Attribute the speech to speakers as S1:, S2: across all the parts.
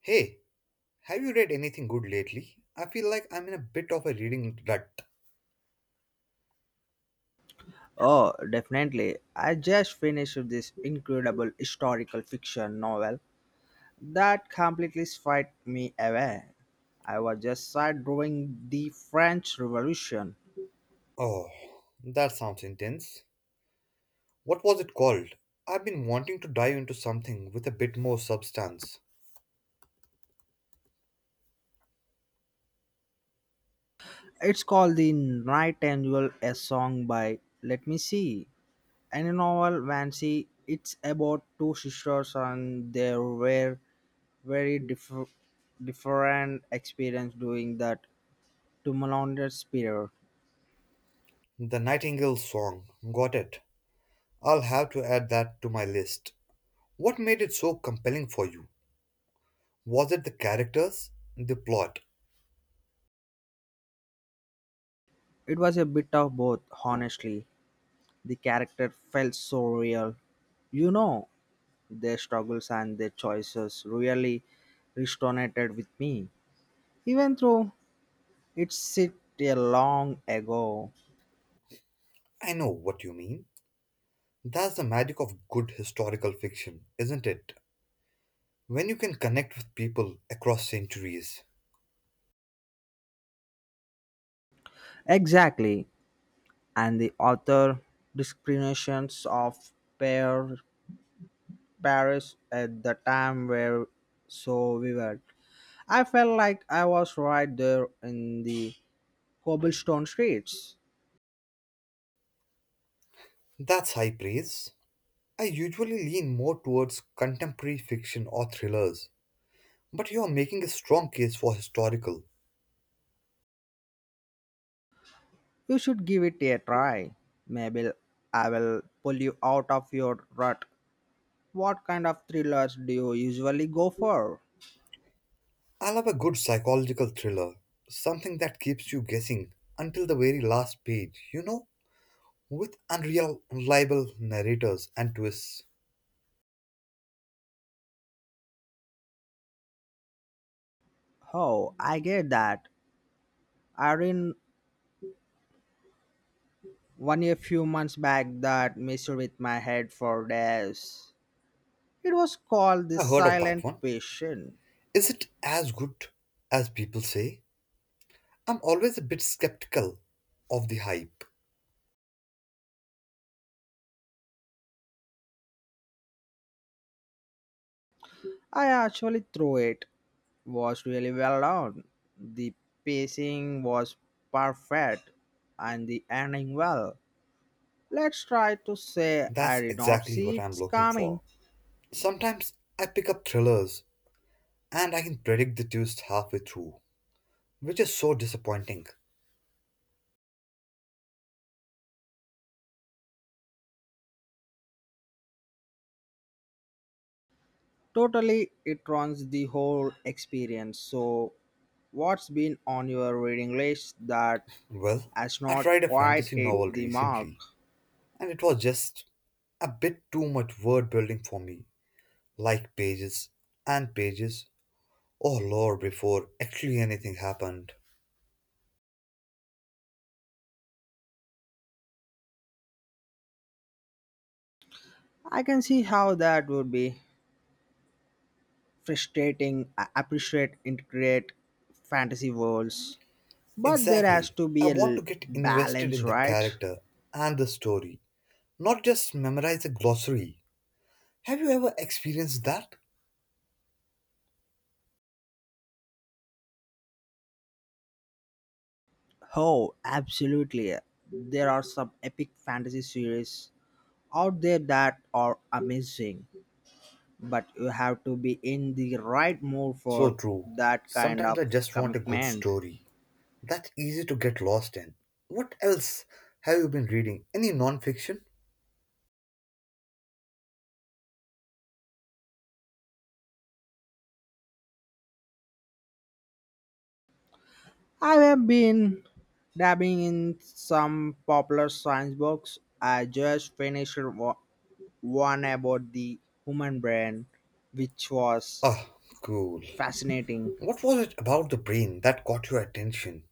S1: Hey, have you read anything good lately? I feel like I'm in a bit of a reading rut.
S2: Oh, definitely. I just finished this incredible historical fiction novel that completely swept me away. I was just sat drawing the French Revolution.
S1: Oh, that sounds intense. What was it called? I've been wanting to dive into something with a bit more substance.
S2: It's called The Nightingale, a song by Let Me See. And a novel, Vancy, it's about two sisters and they were very diff- different experience during that tumultuous period.
S1: The Nightingale's Song. Got it. I'll have to add that to my list. What made it so compelling for you? Was it the characters? The plot?
S2: It was a bit of both, honestly. The character felt so real. You know, their struggles and their choices really resonated with me, even though it's set a long ago.
S1: I know what you mean. That's the magic of good historical fiction, isn't it? When you can connect with people across centuries.
S2: Exactly, and the author discriminations of Par- Paris at the time were so vivid. I felt like I was right there in the cobblestone streets.
S1: That's high praise. I usually lean more towards contemporary fiction or thrillers, but you are making a strong case for historical.
S2: You should give it a try. Maybe I will pull you out of your rut. What kind of thrillers do you usually go for?
S1: I love a good psychological thriller, something that keeps you guessing until the very last page, you know, with unreal, unreliable narrators and twists.
S2: Oh, I get that. I read one a few months back that messed with my head for days. It was called The
S1: I heard of that
S2: Silent
S1: one.
S2: Patient.
S1: Is it as good as people say? I'm always a bit skeptical of the hype.
S2: I actually threw it. Was really well done. The pacing was perfect and the ending well. Let's try to say I
S1: That's
S2: did not
S1: exactly
S2: see
S1: what I'm
S2: it's
S1: looking
S2: coming.
S1: for. Sometimes I pick up thrillers and I can predict the twist halfway through, which is so disappointing.
S2: Totally, it runs the whole experience. So, what's been on your reading list that
S1: Well,
S2: has
S1: I
S2: not
S1: tried a
S2: quite
S1: fantasy novel
S2: hit the mark?
S1: recently, and it was just a bit too much word building for me, like pages and pages or lore before actually anything happened.
S2: I can see how that would be frustrating. I appreciate integrate fantasy worlds, but there has
S1: Exactly.
S2: to
S1: I
S2: be a
S1: want
S2: l-
S1: to get invested
S2: balance,
S1: in the
S2: right?
S1: character and the story, not just memorize a glossary. Have you ever experienced that?
S2: Oh, absolutely. There are some epic fantasy series out there that are amazing but you have to be in the right mood
S1: So
S2: for
S1: true.
S2: that kind
S1: Sometimes
S2: of
S1: I just want a good
S2: commitment.
S1: story that's easy to get lost in. What else have you been reading? Any non-fiction?
S2: I have been dabbing in some popular science books. I just finished one about the human brain, which was
S1: Ah, cool.
S2: fascinating.
S1: What was it about the brain that caught your attention?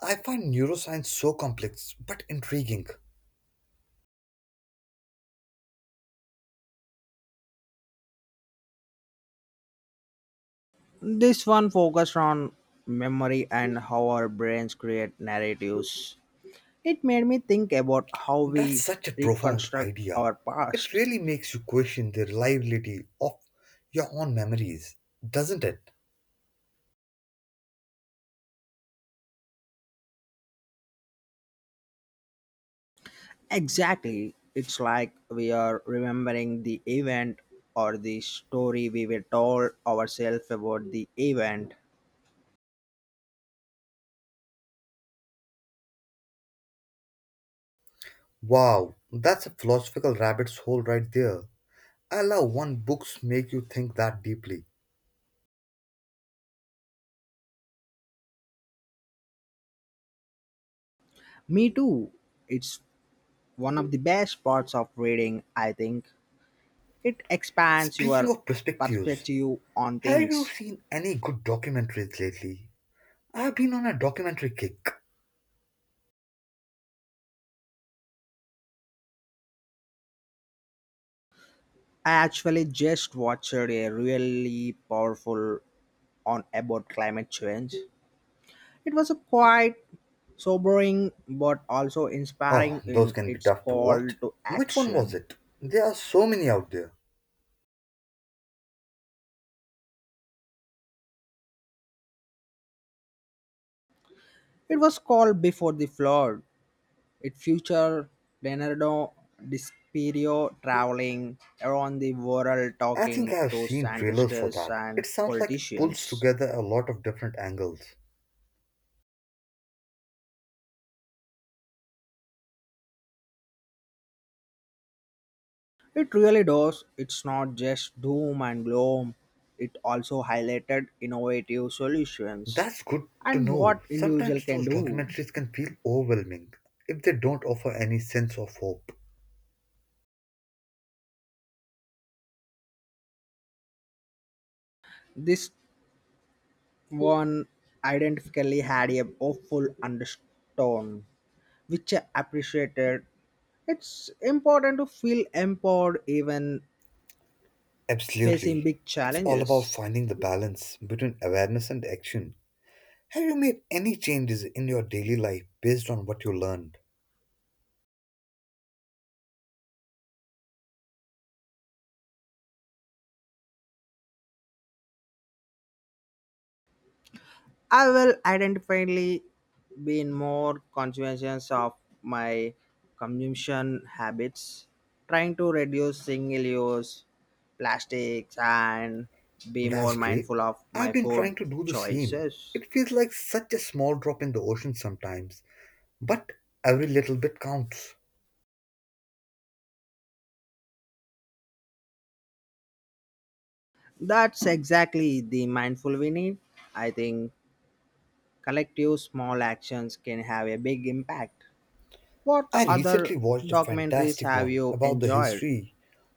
S1: I find neuroscience so complex but intriguing.
S2: This one focused on memory and how our brains create narratives. It made me think about how
S1: That's
S2: we
S1: such a profound
S2: reconstruct
S1: idea.
S2: our
S1: It
S2: past.
S1: really makes you question the reliability of your own memories, doesn't it?
S2: Exactly. It's like we are remembering the event or the story we were told ourselves about the event.
S1: Wow, that's a philosophical rabbit's hole right there. I love when books make you think that deeply.
S2: Me too. It's one of the best parts of reading, I think. It expands
S1: Speaking
S2: your
S1: of perspectives,
S2: perspective on
S1: have you
S2: things.
S1: seen any good documentaries lately? I've been on a documentary kick.
S2: I actually just watched a really powerful on about climate change. It was a quite sobering but also
S1: Oh,
S2: inspiring
S1: those
S2: in
S1: can be
S2: its
S1: tough to
S2: call
S1: watch.
S2: to
S1: Which one was
S2: action.
S1: it? There are so many out there.
S2: It was called before the flood. It featured Leonardo DiCaprio traveling around the world
S1: I think
S2: talking
S1: I have
S2: to
S1: seen trailers for
S2: scientists
S1: that.
S2: and
S1: It sounds like it pulls
S2: politicians.
S1: together a lot of different angles.
S2: It really does. It's not just doom and gloom. It also highlighted innovative solutions
S1: That's good to
S2: and
S1: know.
S2: what individual
S1: Sometimes
S2: can
S1: those
S2: do.
S1: documentaries can feel overwhelming if they don't offer any sense of hope.
S2: This one identically had a hopeful undertone, which I appreciated. It's important to feel empowered even facing
S1: Absolutely.
S2: big
S1: It's all about
S2: challenges.
S1: finding the balance between awareness and action. Have you made any changes in your daily life based on what you learned?
S2: I will identifyingly be more conscious of my consumption habits, trying to reduce single use plastics and be more
S1: That's great.
S2: mindful of my
S1: I've been
S2: food
S1: trying to do the same.
S2: choices.
S1: It feels like such a small drop in the ocean sometimes, but every little bit counts.
S2: That's exactly the mindful we need. I think collective small actions can have a big impact. What
S1: I recently
S2: other
S1: watched a
S2: documentaries
S1: fantastic
S2: have
S1: one
S2: you
S1: about the
S2: enjoyed?
S1: history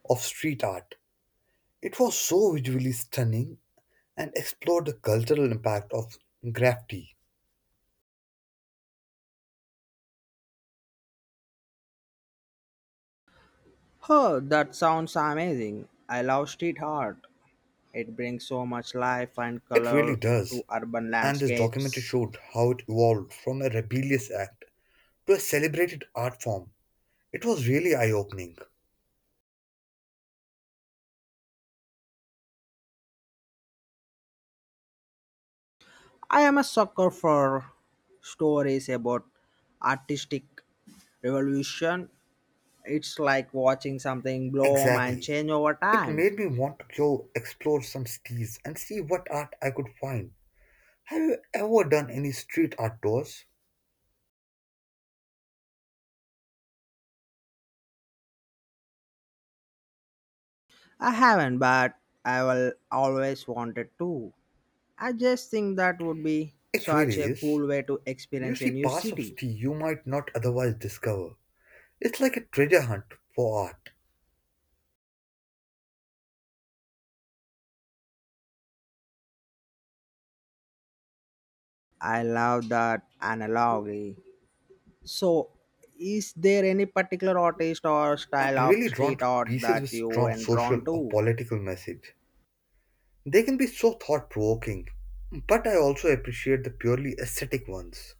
S1: of street art. It was so visually stunning and explored the cultural impact of graffiti.
S2: Oh, that sounds amazing. I love street art. It brings so much life and
S1: It really
S2: color
S1: does.
S2: to urban
S1: And this documentary
S2: landscapes.
S1: showed how it evolved from a rebellious act to a celebrated art form. It was really eye opening.
S2: I am a sucker for stories about artistic revolution. It's like watching something bloom and
S1: Exactly.
S2: change over
S1: It made
S2: time.
S1: me want to go explore some cities and see what art I could find. Have you ever done any street art tours?
S2: I haven't, but I will always wanted to. I just think that would be
S1: It
S2: such
S1: really
S2: a
S1: is.
S2: cool way to
S1: You
S2: experience a
S1: see
S2: new
S1: parts of
S2: city.
S1: city you might not otherwise discover. It's like a treasure hunt for art.
S2: I love that analogy. So, is there any particular artist or
S1: I'm
S2: style of
S1: really drawn
S2: street
S1: to
S2: art
S1: pieces
S2: that
S1: with
S2: you
S1: strong
S2: were
S1: social
S2: drawn
S1: or
S2: to?
S1: political message. They can be so thought provoking, but I also appreciate the purely aesthetic ones.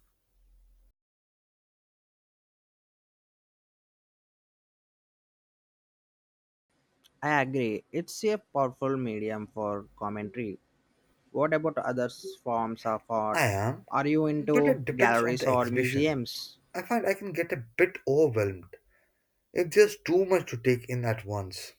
S2: I agree. It's a powerful medium for commentary. What about other forms of art?
S1: I am,
S2: Are you
S1: but
S2: into
S1: it depends on
S2: galleries
S1: the
S2: or
S1: exhibition.
S2: museums?
S1: I find I can get a bit overwhelmed. It's just too much to take in at once.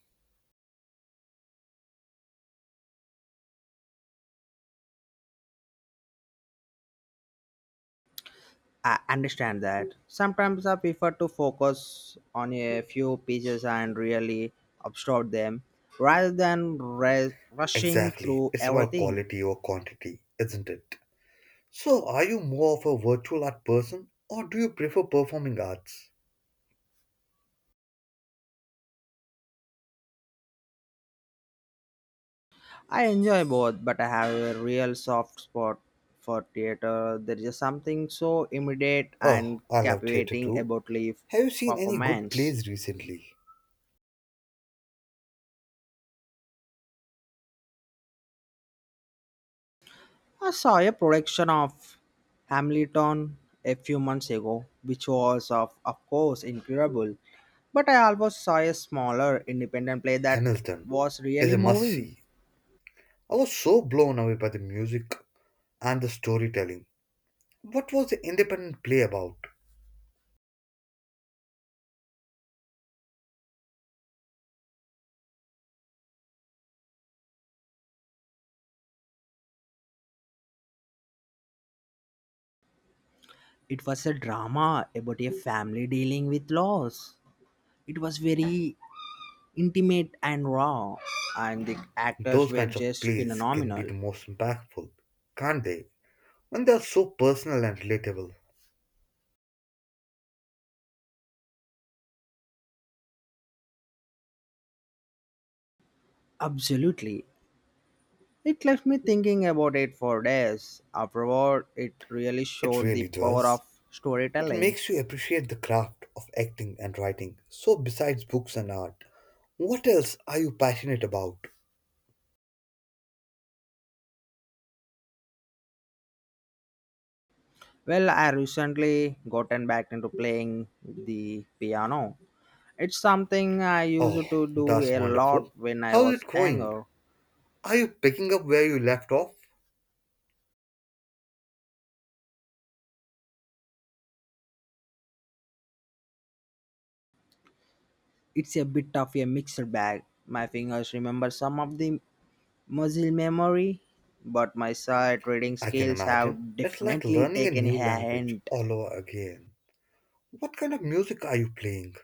S2: I understand that. Sometimes I prefer to focus on a few pieces and really absorb them rather than rushing
S1: Exactly.
S2: through
S1: It's about
S2: everything.
S1: quality or quantity, isn't it? So, are you more of a virtual art person or do you prefer performing arts?
S2: I enjoy both, but I have a real soft spot for theater. There is something so immediate
S1: Oh,
S2: and
S1: I love theatre
S2: captivating
S1: too.
S2: about live
S1: Have you seen any good
S2: performance.
S1: plays recently?
S2: I saw a production of Hamilton a few months ago, which was of course incredible. But I also saw a smaller independent play that
S1: Hamilton
S2: was
S1: is
S2: really
S1: a must
S2: moving.
S1: see. I was so blown away by the music and the storytelling. What was the independent play about?
S2: It was a drama about a family dealing with loss. It was very intimate and raw, and the actors
S1: Those
S2: were
S1: kinds of
S2: just
S1: plays can be the
S2: phenomenal.
S1: most impactful, can't they? And are so personal and relatable.
S2: Absolutely. It left me thinking about it for days. Afterward, it really
S1: It
S2: showed the
S1: really
S2: power
S1: does.
S2: of
S1: It
S2: storytelling.
S1: makes you appreciate the craft of acting and writing. So, besides books and art, what else are you passionate about?
S2: Well, I recently gotten back into playing the piano. It's something I
S1: Oh,
S2: used to do
S1: that's
S2: a lot
S1: wonderful.
S2: when I
S1: How's
S2: was
S1: it going?
S2: younger.
S1: Are you picking up where you left off?
S2: It's a bit of a mixed bag. My fingers remember some of the muscle memory, but my sight reading
S1: I can
S2: skills
S1: imagine.
S2: have
S1: It's like
S2: definitely
S1: learning a
S2: taken a
S1: new language
S2: hand.
S1: all over again. What kind of music are you playing?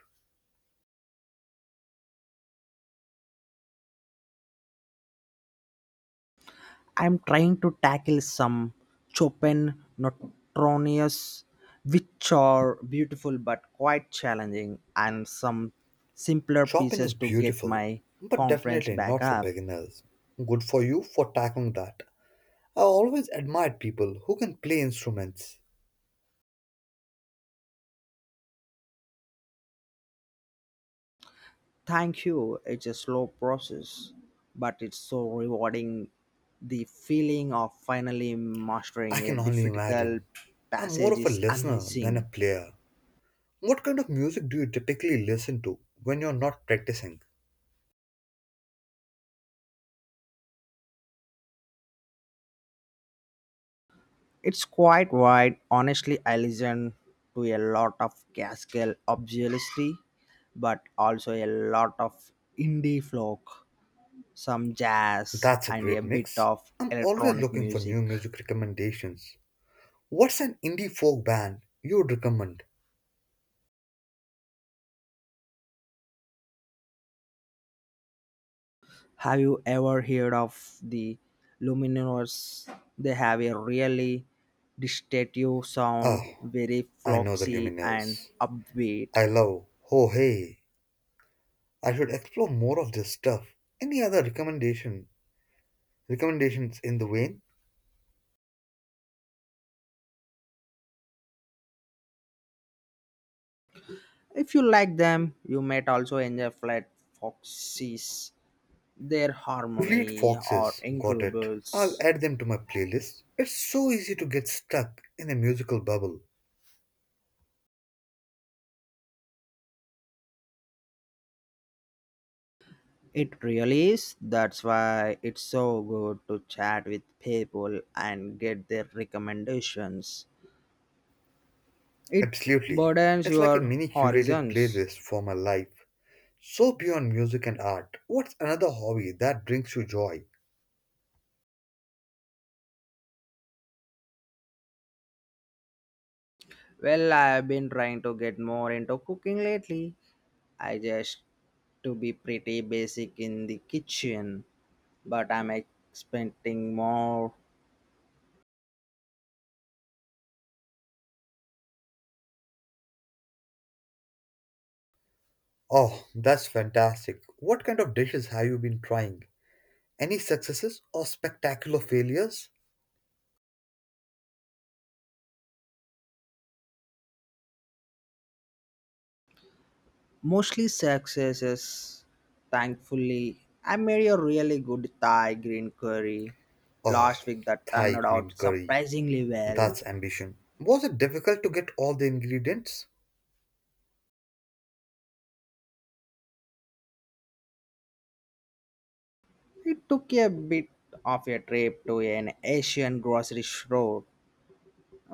S2: I'm trying to tackle some Chopin Notronius, which are beautiful but quite challenging, and some simpler
S1: Chopin is
S2: pieces to get
S1: beautiful,
S2: my
S1: but
S2: conference
S1: definitely
S2: back
S1: not for
S2: up.
S1: beginners. Good for you for tackling that. I always admired people who can play instruments.
S2: Thank you. It's a slow process, but it's so rewarding. The feeling of finally
S1: I
S2: mastering a
S1: can only
S2: difficult
S1: imagine. I'm more
S2: passage
S1: of a
S2: is
S1: listener than a
S2: amazing.
S1: player. What kind of music do you typically listen to when you're not practicing?
S2: It's quite wide. Honestly, I listen to a lot of classical, obviously, but also a lot of indie folk, some jazz,
S1: That's a
S2: and a
S1: great
S2: bit
S1: mix.
S2: of
S1: I'm always
S2: electronic
S1: looking for
S2: music.
S1: new music recommendations. What's an indie folk band you would recommend?
S2: Have you ever heard of the Lumineers? They have a really distinctive
S1: Oh,
S2: sound, very
S1: I know the
S2: folksy and
S1: Lumineers.
S2: upbeat.
S1: I love Ho Hey. I should explore more of this stuff. Any other recommendations in the vein?
S2: If you like them, you might also enjoy Flat Foxes their
S1: Fleet
S2: harmony are
S1: Foxes, got it.
S2: incredible.
S1: I'll add them to my playlist. It's so easy to get stuck in a musical bubble.
S2: It really is. That's why it's so good to chat with people and get their recommendations. It
S1: Absolutely.
S2: broadens
S1: It's like a
S2: your
S1: mini curated
S2: horizons.
S1: playlist for my life. So beyond music and art, what's another hobby that brings you joy?
S2: Well, I've been trying to get more into cooking lately. I just to be pretty basic in the kitchen, but I'm expecting more.
S1: Oh, that's fantastic. What kind of dishes have you been trying? Any successes or spectacular failures?
S2: Mostly successes, thankfully. I made a really good Thai green curry
S1: Oh,
S2: last week that turned
S1: Thai green
S2: out
S1: curry.
S2: surprisingly well.
S1: That's ambition. Was it difficult to get all the ingredients?
S2: It took a bit of a trip to an Asian grocery store,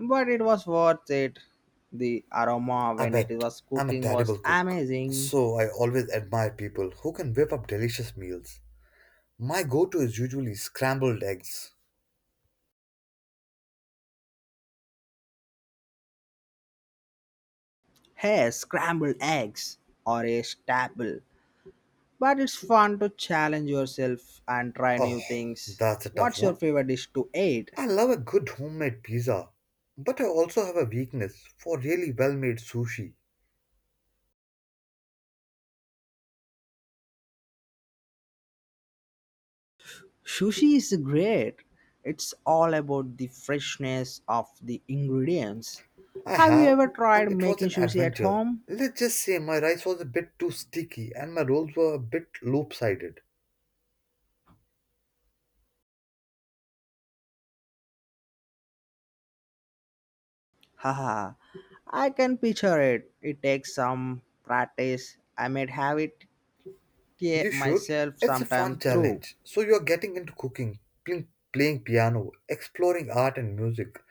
S2: but it was worth it. The aroma
S1: I
S2: when it
S1: bet
S2: was
S1: I'm a
S2: cooking
S1: terrible
S2: was
S1: cook,
S2: amazing.
S1: so I always admire people who can whip up delicious meals. My go to is usually scrambled eggs.
S2: Hey, scrambled eggs are a staple, but it's fun to challenge yourself and try
S1: Oh,
S2: new things.
S1: that's a tough
S2: What's your
S1: one.
S2: favorite dish to eat?
S1: I love a good homemade pizza, but I also have a weakness for really well made sushi.
S2: Sushi is great. It's all about the freshness of the ingredients.
S1: I
S2: Have you
S1: have,
S2: ever
S1: and
S2: tried
S1: it was
S2: making
S1: an
S2: sushi at
S1: adventure.
S2: home?
S1: Let's just say my rice was a bit too sticky and my rolls were a bit lopsided.
S2: Haha, I can picture it. It takes some practice. I might have it here
S1: You should.
S2: myself
S1: It's a fun
S2: sometime through.
S1: challenge. So you're getting into cooking, playing piano, exploring art and music.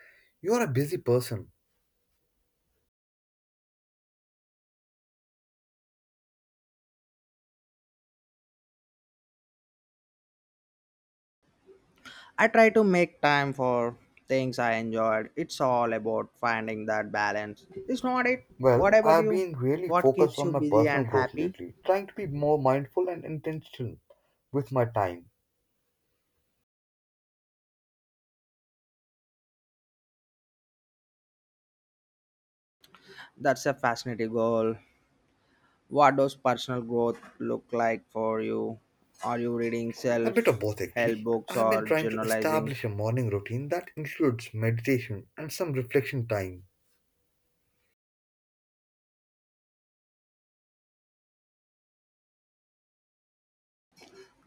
S1: You're a busy person.
S2: I try to make time for things I enjoyed. It's all about finding that balance. It's not it. What
S1: Well,
S2: about
S1: I've
S2: you?
S1: been really
S2: What
S1: focused
S2: keeps
S1: on
S2: you
S1: my
S2: busy
S1: personal
S2: and
S1: growth
S2: happy?
S1: lately, trying to be more mindful and intentional with my time.
S2: That's a fascinating goal. What does personal growth look like for you? Are you reading
S1: A
S2: self
S1: bit of both,
S2: help
S1: actually.
S2: books
S1: I've been
S2: or
S1: trying to
S2: journalizing?
S1: establish a morning routine that includes meditation and some reflection time.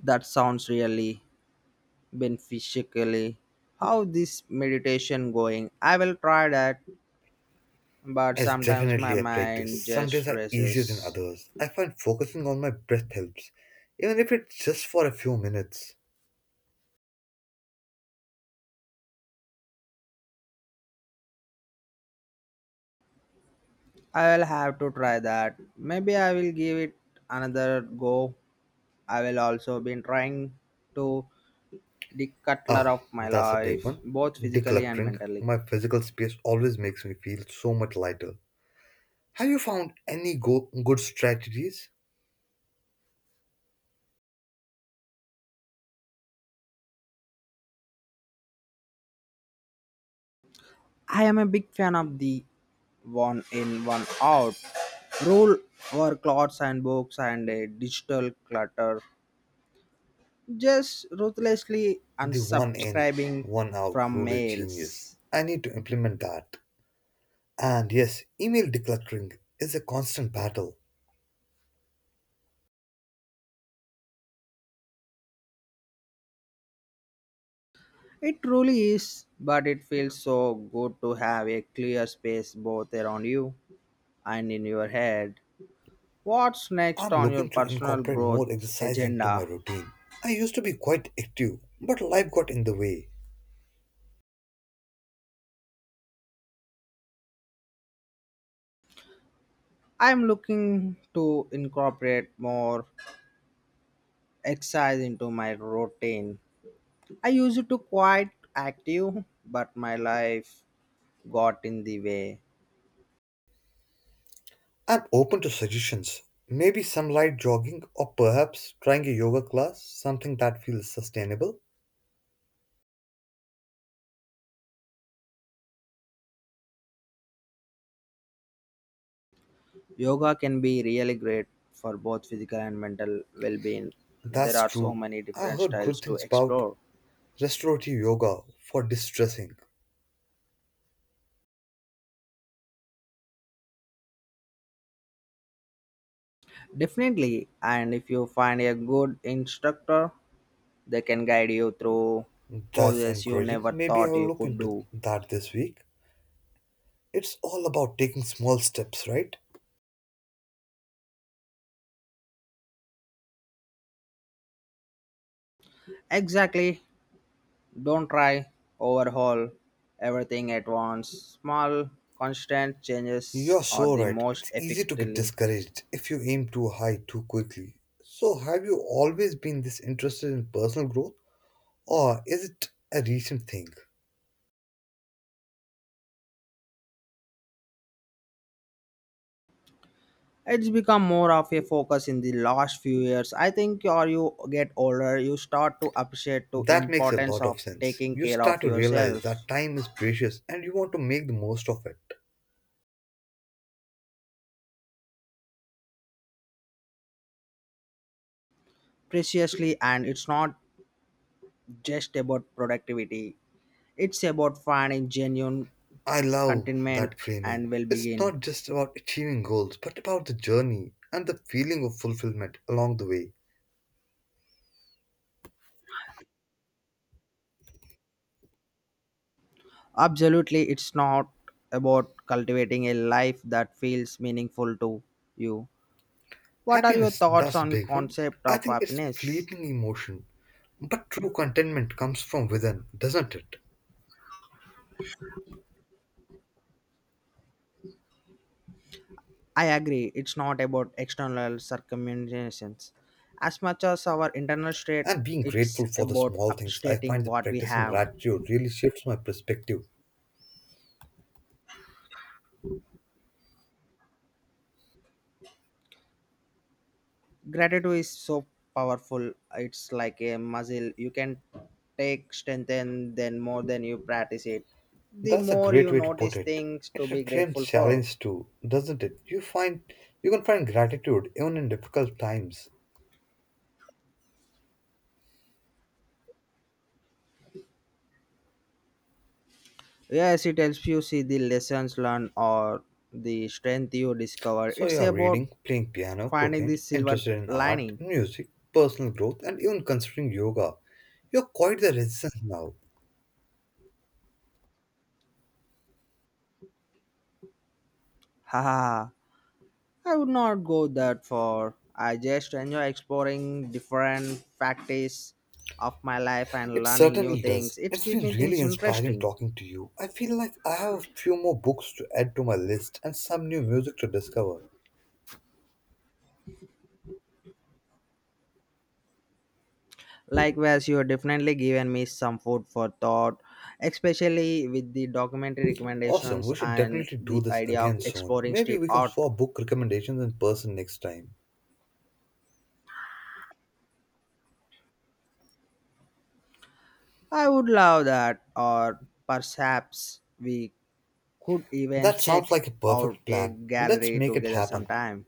S2: That sounds really beneficially. How this meditation going? I will try that, but
S1: It's
S2: sometimes my
S1: definitely a practice.
S2: mind
S1: Some
S2: just
S1: days are easier than
S2: races.
S1: others. I find focusing on my breath helps, even if it's just for a few minutes.
S2: I will have to try that. Maybe I will give it another go. I will also been trying to declutter
S1: Ah,
S2: of my
S1: that's a big
S2: life
S1: one.
S2: both physically and
S1: Decluttering
S2: mentally.
S1: my physical space always makes me feel so much lighter. Have you found any good strategies?
S2: I am a big fan of the one in one out rule over clothes and books and a digital clutter. Just ruthlessly
S1: The one in,
S2: unsubscribing
S1: one out
S2: from
S1: rule is genius.
S2: mails.
S1: I need to implement that. And yes, email decluttering is a constant battle.
S2: It truly is, but it feels so good to have a clear space both around you and in your head. What's next
S1: I'm
S2: on your
S1: looking to
S2: personal
S1: incorporate more
S2: growth
S1: exercise into my
S2: agenda?
S1: routine. I used to be quite active, but life got in the way.
S2: I'm looking to incorporate more exercise into my routine. I used to quite active, but my life got in the way.
S1: I'm open to suggestions. Maybe some light jogging or perhaps trying a yoga class, something that feels sustainable.
S2: Yoga can be really great for both physical and mental well-being. There
S1: That's
S2: are so
S1: true.
S2: many
S1: I
S2: different
S1: heard
S2: styles
S1: good
S2: to
S1: things about
S2: explore.
S1: restorative yoga for distressing.
S2: Definitely, and if you find a good instructor, they can guide you through
S1: That's
S2: poses you
S1: encouraging.
S2: never
S1: Maybe I
S2: thought
S1: will
S2: you
S1: look
S2: could
S1: into
S2: do.
S1: that this week. It's all about taking small steps, right?
S2: Exactly. Don't try overhaul everything at once. Small constant changes
S1: You're
S2: are
S1: so
S2: the
S1: right.
S2: most
S1: It's easy to get
S2: effectively.
S1: discouraged if you aim too high too quickly. So, have you always been this interested in personal growth, or is it a recent thing?
S2: It's become more of a focus in the last few years. I think or you get older, you start to appreciate the
S1: That makes a
S2: importance
S1: lot
S2: of
S1: of sense.
S2: taking
S1: You
S2: care
S1: start
S2: of
S1: to realize that
S2: yourself
S1: time is precious and you want to make the most of it.
S2: preciously and it's not just about productivity. It's about finding genuine
S1: I love
S2: contentment
S1: that
S2: and
S1: framing. It's
S2: well-being.
S1: not just about achieving goals, but about the journey and the feeling of fulfillment along the way.
S2: Absolutely, it's not about cultivating a life that feels meaningful to you. What are your
S1: Happiness,
S2: thoughts
S1: that's a
S2: on
S1: big one.
S2: concept
S1: I
S2: of
S1: think it's
S2: happiness?
S1: fleeting emotion, but true contentment comes from within, doesn't it?
S2: I agree, it's not about external circumstances. As much as our internal state,
S1: And being
S2: it's
S1: grateful for the
S2: about
S1: small things, I find
S2: appreciating
S1: that
S2: what we
S1: practicing
S2: have.
S1: gratitude really shifts my perspective.
S2: Gratitude is so powerful, it's like a muscle. You can take strengthen then more than you practice it. The
S1: That's a
S2: more
S1: great
S2: you
S1: way to put
S2: notice
S1: it.
S2: things
S1: It
S2: to be
S1: reframes
S2: grateful for.
S1: challenge too, doesn't it? You find you can find gratitude even in difficult times.
S2: Yes, it helps you see the lessons learned or the strength you discover.
S1: So
S2: It's
S1: you are
S2: about
S1: reading, playing piano,
S2: finding the
S1: cooking,
S2: silver
S1: interested in art,
S2: lining.
S1: music, personal growth, and even considering yoga. You're quite the resident now.
S2: Haha. I would not go that far. I just enjoy exploring different facets of my life and
S1: It
S2: learning new
S1: certainly does.
S2: things. It
S1: It's
S2: keeps
S1: been
S2: me
S1: really
S2: things
S1: inspiring
S2: interesting.
S1: talking to you. I feel like I have a few more books to add to my list and some new music to discover.
S2: Likewise, you have definitely given me some food for thought, especially with the documentary
S1: Awesome,
S2: recommendations
S1: we should
S2: and
S1: definitely do
S2: the
S1: this
S2: idea of
S1: again soon.
S2: exploring
S1: Maybe
S2: street
S1: we can
S2: art.
S1: swap book recommendations in person next time.
S2: I would love that, or perhaps we could even
S1: That
S2: check
S1: sounds like a
S2: out
S1: perfect
S2: a
S1: plan. Let's
S2: gallery
S1: make it
S2: together
S1: happen.
S2: sometime.